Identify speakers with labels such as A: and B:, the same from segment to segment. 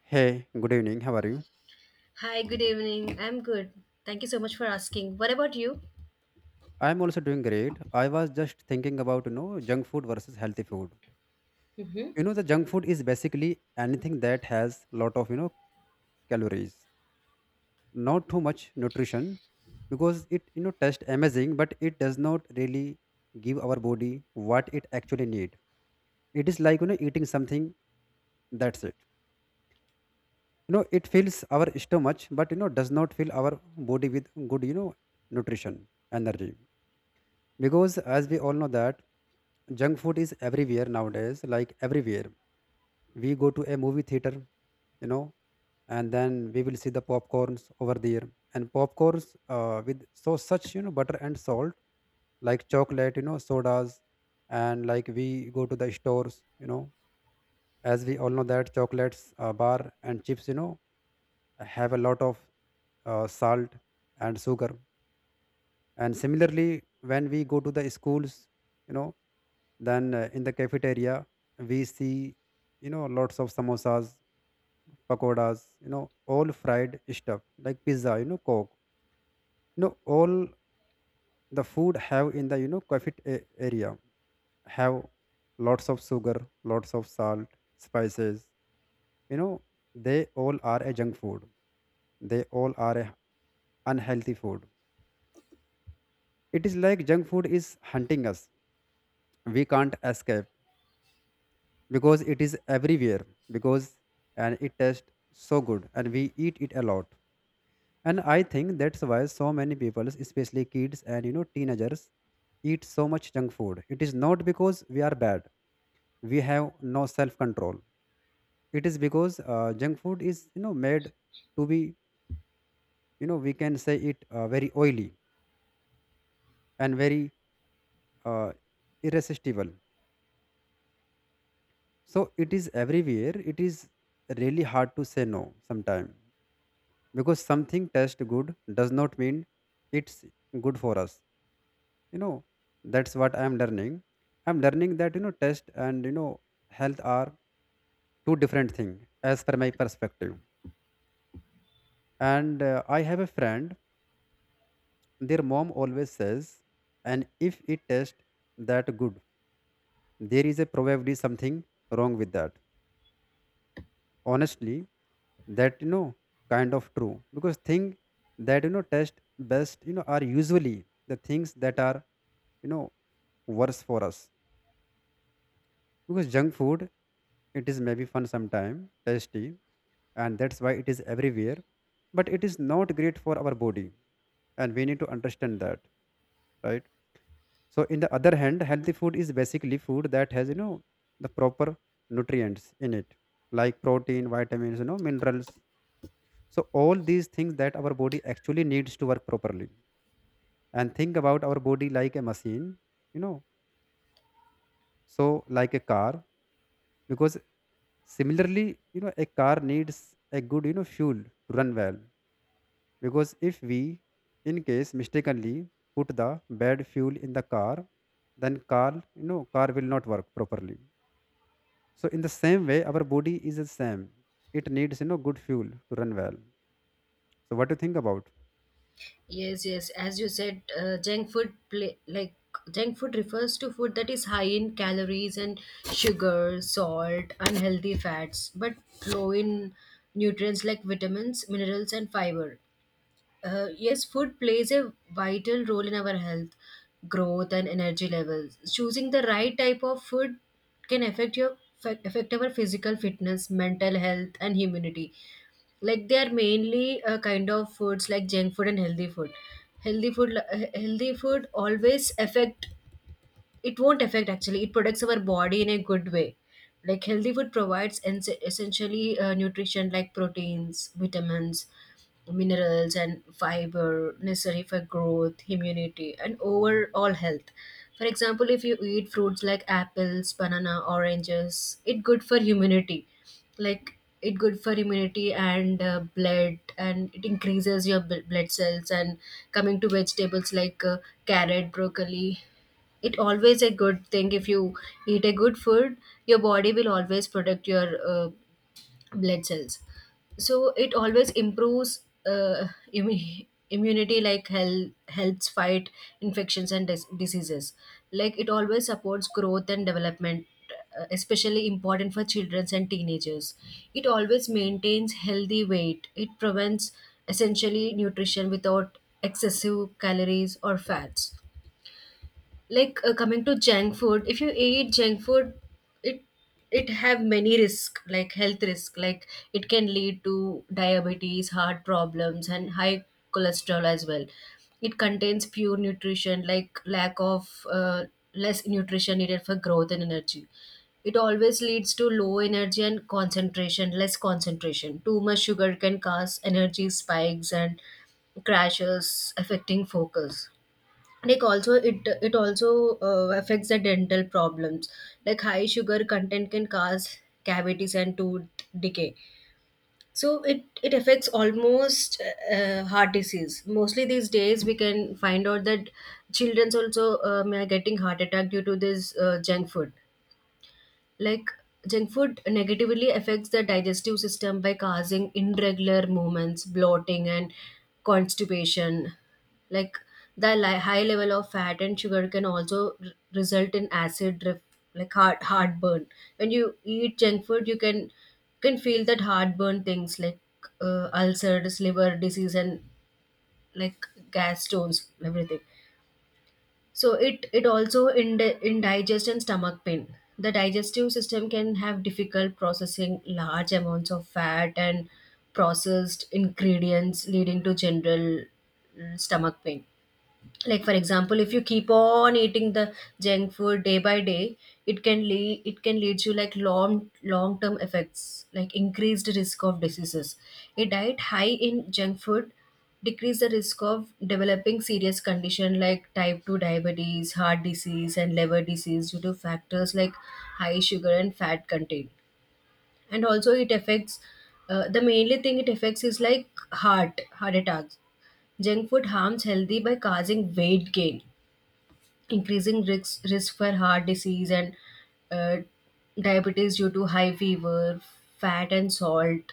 A: Hey, good evening. How are you?
B: Hi, good evening. I'm good. Thank you so much for asking. What about you?
A: I'm also doing great. I was just thinking about, junk food versus healthy food.
B: Mm-hmm.
A: The junk food is basically anything that has lot of, calories, not too much nutrition because it tastes amazing, but it does not really give our body what it actually need. It is like, eating something, that's it. It fills our stomach, but, does not fill our body with good, nutrition, energy, because as we all know that junk food is everywhere nowadays, like everywhere. We go to a movie theater, you know and then we will see the popcorns over there. And popcorns, with so such, butter and salt, like chocolate, sodas. And like we go to the stores, as we all know that chocolates, bar and chips, have a lot of salt and sugar. And similarly, when we go to the schools, you know then in the cafeteria we see, lots of samosas, pakodas, all fried stuff like pizza, coke, all the food have in the, cafet area, have lots of sugar, lots of salt, spices, you know they all are a junk food. They all are a unhealthy food. It is like junk food is hunting us. We can't escape because it is everywhere. Because and it tastes so good and we eat it a lot. And I think that's why so many people, especially kids and, teenagers, eat so much junk food. It is not because we are bad, we have no self control. It is because junk food is, made to be, we can say it, very oily and very, uh, irresistible. So it is everywhere, it is really hard to say no sometimes. Because something tastes good does not mean it's good for us, you know that's what I am learning. I'm learning that, taste and, health are two different things, as per my perspective. And I have a friend, their mom always says, and if it tastes that good, there is a probably something wrong with that, honestly. That, kind of true, because thing that, taste best, are usually the things that are, you know worse for us. Because junk food, it is maybe fun sometime tasty, and that's why it is everywhere, but it is not great for our body, and we need to understand that, right? So in the other hand, healthy food is basically food that has, the proper nutrients in it, like protein, vitamins, minerals. So all these things that our body actually needs to work properly. And think about our body like a machine, you know so like a car. Because similarly, a car needs a good, fuel to run well. Because if we, in case mistakenly, put the bad fuel in the car, then car will not work properly. So in the same way, our body is the same. It needs, good fuel to run well. So what do you think about?
B: Yes, yes. As you said, junk food play, like junk food refers to food that is high in calories and sugar, salt, unhealthy fats, but low in nutrients like vitamins, minerals, and fiber. Yes, food plays a vital role in our health, growth, and energy levels. Choosing the right type of food can affect our physical fitness, mental health, and immunity. Like they are mainly a kind of foods like junk food and healthy food. Healthy food always affect it won't affect actually it protects our body in a good way, like healthy food provides essentially nutrition like proteins, vitamins, minerals, and fiber necessary for growth, immunity, and overall health. For example, if you eat fruits like apples, banana, oranges, it good for immunity. Like it good for immunity and blood, and it increases your blood cells. And coming to vegetables like carrot, broccoli, it always a good thing. If you eat a good food, your body will always protect your uh, blood cells. So it always improves immunity, like helps fight infections and diseases. Like it always supports growth and development, especially important for children and teenagers. It always maintains healthy weight. It prevents essentially nutrition without excessive calories or fats. Coming to junk food, if you eat junk food, it it have many risk, like health risk. Like it can lead to diabetes, heart problems, and high cholesterol as well. It contains pure nutrition, like lack of less nutrition needed for growth and energy. It always leads to low energy and concentration, less concentration. Too much sugar can cause energy spikes and crashes, affecting focus. Like also it also affects the dental problems. Like high sugar content can cause cavities and tooth decay. So it affects almost heart disease. Mostly these days we can find out that children's also are getting heart attack due to this junk food. Like junk food negatively affects the digestive system by causing irregular movements, bloating, and constipation. Like high level of fat and sugar can also result in like heartburn. When you eat junk food, you can feel that heartburn things, like ulcers, liver disease, and like gas stones, everything. So it also in indigest and stomach pain. The digestive system can have difficult processing large amounts of fat and processed ingredients, leading to general stomach pain. Like for example, if you keep on eating the junk food day by day, it can lead you like long long term effects, like increased risk of diseases. A diet high in junk food decrease the risk of developing serious condition like type 2 diabetes, heart disease, and liver disease due to factors like high sugar and fat content. And also it affects the mainly thing it affects is like heart attacks. Junk food harms healthy by causing weight gain, increasing risk for heart disease and uh, diabetes due to high fever, fat, and salt.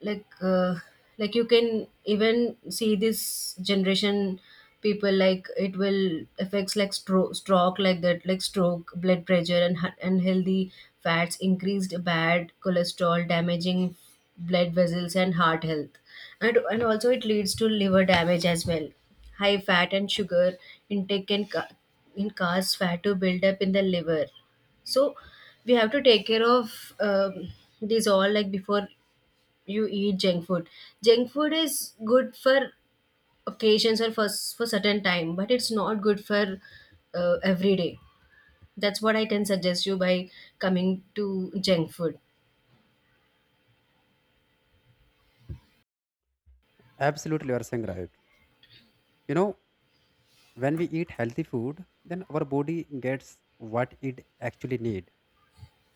B: like uh, like you can even see this generation people, like it will affects like stroke stroke like that like stroke, blood pressure, and unhealthy fats increased bad cholesterol, damaging blood vessels and heart health. And also it leads to liver damage as well. High fat and sugar intake can cause fat to build up in the liver. So we have to take care of these all. Like before you eat junk food, junk food is good for occasions or for certain time, but it's not good for every day. That's what I can suggest you by coming to junk food.
A: Absolutely, you are saying right. You know, when we eat healthy food, then our body gets what it actually need.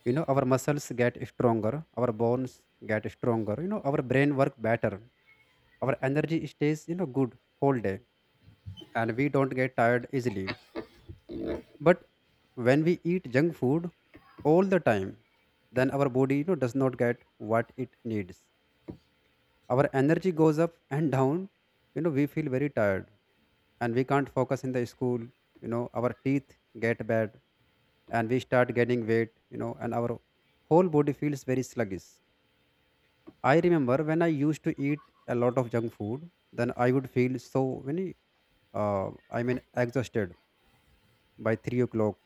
A: Our muscles get stronger, our bones get stronger, our brain work better, our energy stays, good whole day, and we don't get tired easily. But when we eat junk food all the time, then our body, does not get what it needs. Our energy goes up and down, we feel very tired, and we can't focus in the school, our teeth get bad, and we start gaining weight, and our whole body feels very sluggish. I remember when I used to eat a lot of junk food, then I would feel so many, I mean, exhausted by 3 o'clock,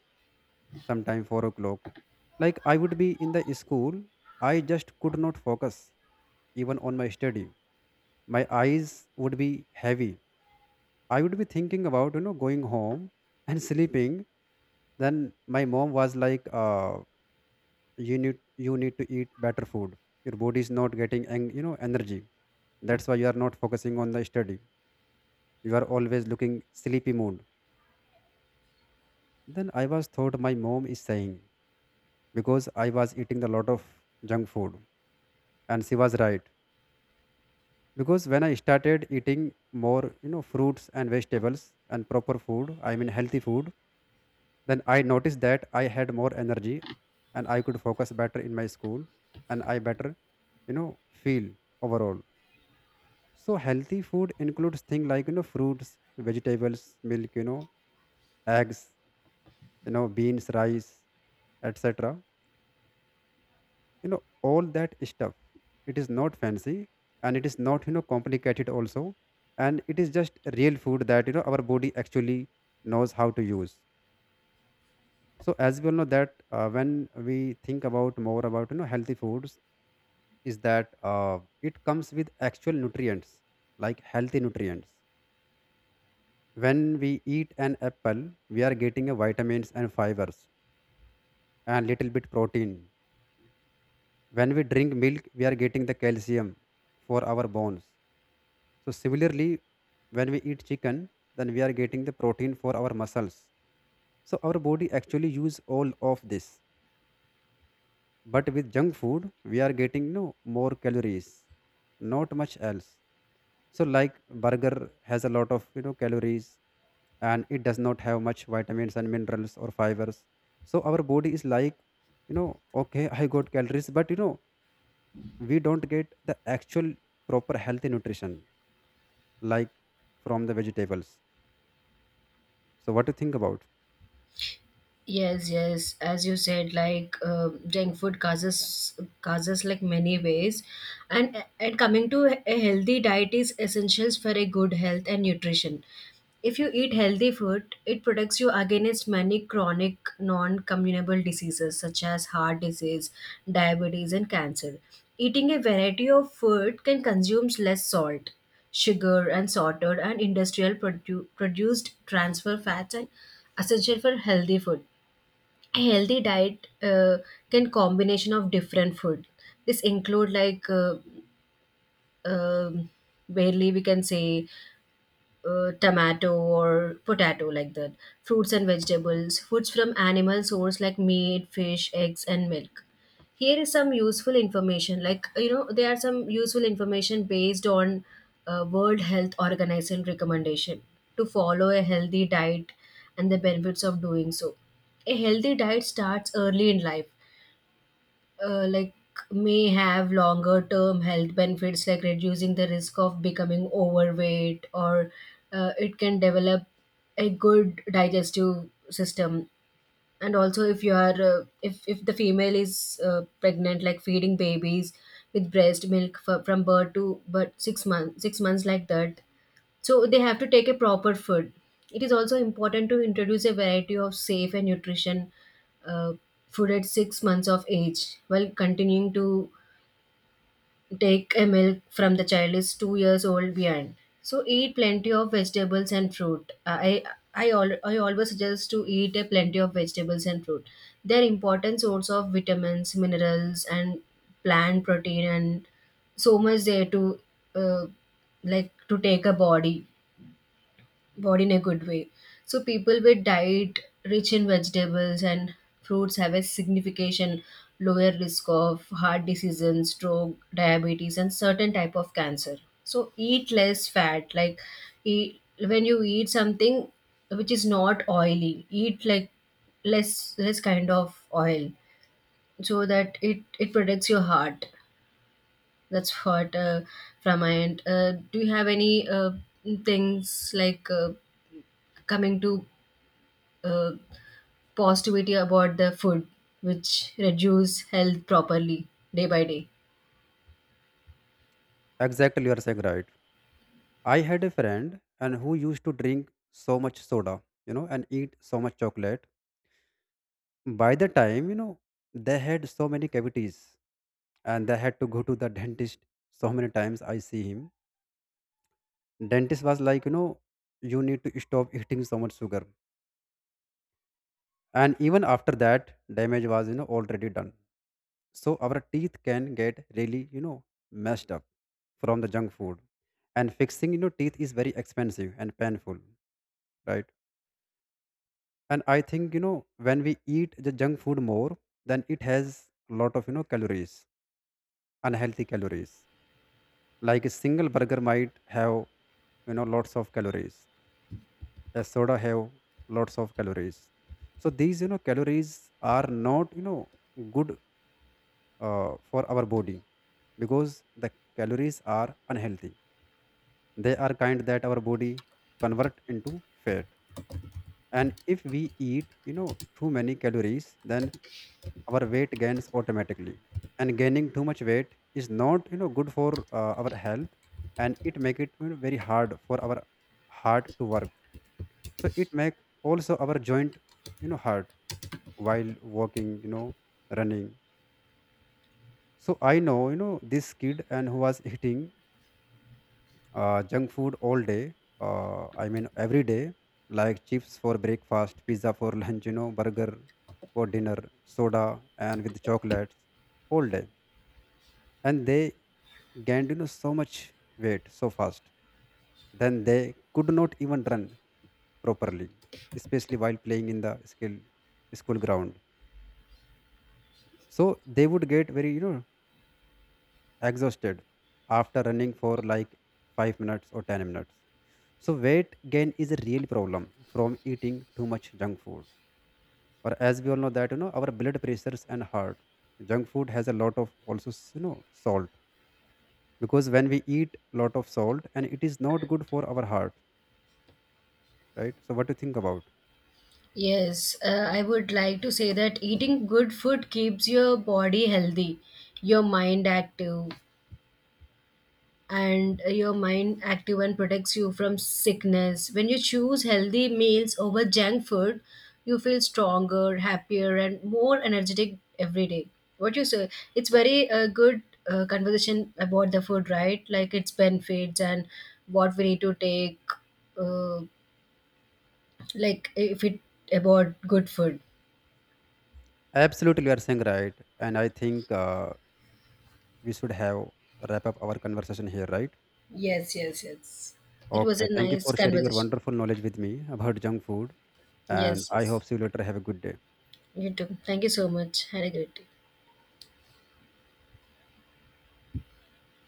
A: sometime 4 o'clock. Like I would be in the school, I just could not focus even on my study. My eyes would be heavy. I would be thinking about, going home and sleeping. Then my mom was like, "You need to eat better food. Your body is not getting energy. That's why you are not focusing on the study." You are always looking sleepy mood. Then I was thought my mom is saying because I was eating a lot of junk food. And she was right. Because when I started eating more, fruits and vegetables and proper food, I mean healthy food, then I noticed that I had more energy and I could focus better in my school, and I better, feel overall. So healthy food includes things like, fruits, vegetables, milk, eggs, beans, rice, etc. you know all that stuff. It is not fancy, and it is not, complicated also. And it is just real food that, our body actually knows how to use. So as we all know that, when we think about more about, healthy foods, is that it comes with actual nutrients, like healthy nutrients. When we eat an apple, we are getting a vitamins and fibers and little bit protein. When we drink milk, we are getting the calcium for our bones. So similarly, when we eat chicken, then we are getting the protein for our muscles. So our body actually use all of this. But with junk food, we are getting no more calories, not much else. So like burger has a lot of, calories, and it does not have much vitamins and minerals or fibers. So our body is like, okay, I got calories, but, we don't get the actual proper healthy nutrition, like from the vegetables. So what do you think about?
B: Yes, yes. As you said, like junk food causes like many ways, and coming to a healthy diet is essentials for a good health and nutrition. If you eat healthy food, it protects you against many chronic non-communicable diseases such as heart disease, diabetes, and cancer. Eating a variety of food can consume less salt, sugar, and salted and industrial produced transfer fats and essential for healthy food. A healthy diet can combination of different food. This include like um barely we can say tomato or potato, like that, fruits and vegetables, foods from animal source like meat, fish, eggs, and milk. Here is some useful information, like you know, there are some useful information based on World Health Organization recommendation to follow a healthy diet and the benefits of doing so. A healthy diet starts early in life, like may have longer term health benefits, like reducing the risk of becoming overweight or it can develop a good digestive system. And also if you are if the female is pregnant, like feeding babies with breast milk for, from birth to but 6 months 6 months like that, so they have to take a proper food. It is also important to introduce a variety of safe and nutrition uh, food at 6 months of age, while continuing to take a milk from the child is 2 years old beyond. So eat plenty of vegetables and fruit. I always suggest to eat a plenty of vegetables and fruit. They are important source of vitamins, minerals, and plant protein, and so much there to uh, like to take a body in a good way. So people with diet rich in vegetables and fruits have a significant lower risk of heart diseases, stroke, diabetes, and certain type of cancer. So eat less fat. Like eat, when you eat something which is not oily, eat like less less kind of oil, so that it protects your heart. That's what from my end. Do you have any things like coming to uh, positivity about the food which reduce health properly day by day?
A: Exactly, you are saying right. I had a friend and who used to drink so much soda, and eat so much chocolate. By the time, they had so many cavities and they had to go to the dentist so many times I see him. Dentist was like, you need to stop eating so much sugar. And even after that, damage was, already done. So our teeth can get really, messed up from the junk food. And fixing, teeth is very expensive and painful, right? And I think, when we eat the junk food more, then it has a lot of, calories, unhealthy calories. Like a single burger might have, lots of calories, a soda have lots of calories. So these, calories are not, good for our body, because the calories are unhealthy. They are kind that our body convert into fat. And if we eat, too many calories, then our weight gains automatically. And gaining too much weight is not, good for our health, and it make it, very hard for our heart to work. So it make also our joint, hurt while walking, running. So I know, this kid and who was eating junk food all day, I mean every day. Like chips for breakfast, pizza for lunch, burger for dinner, soda, and with chocolates all day. And they gained, so much weight so fast. Then they could not even run properly, especially while playing in the skill school ground. So they would get very, exhausted after running for like 5 minutes or 10 minutes. So weight gain is a real problem from eating too much junk food. Or as we all know that, our blood pressures and heart, junk food has a lot of also salt. Because when we eat lot of salt, and it is not good for our heart, right? So what do you think about?
B: Yes, I would like to say that eating good food keeps your body healthy, your mind active, and protects you from sickness. When you choose healthy meals over junk food, you feel stronger, happier, and more energetic every day. What you say? It's very good conversation about the food, right? Like its benefits and what we need to take. Uh, like if it about good food.
A: Absolutely, you are saying right, and I think we should have wrap up our conversation here, right?
B: Yes, yes, yes. It was
A: Okay,
B: a
A: thank you
B: nice
A: for sharing your
B: conversation.
A: wonderful knowledge with me about junk food, and
B: Yes,
A: I
B: yes.
A: hope see you later. Have a good day.
B: You too. Thank you so much. Had a great day.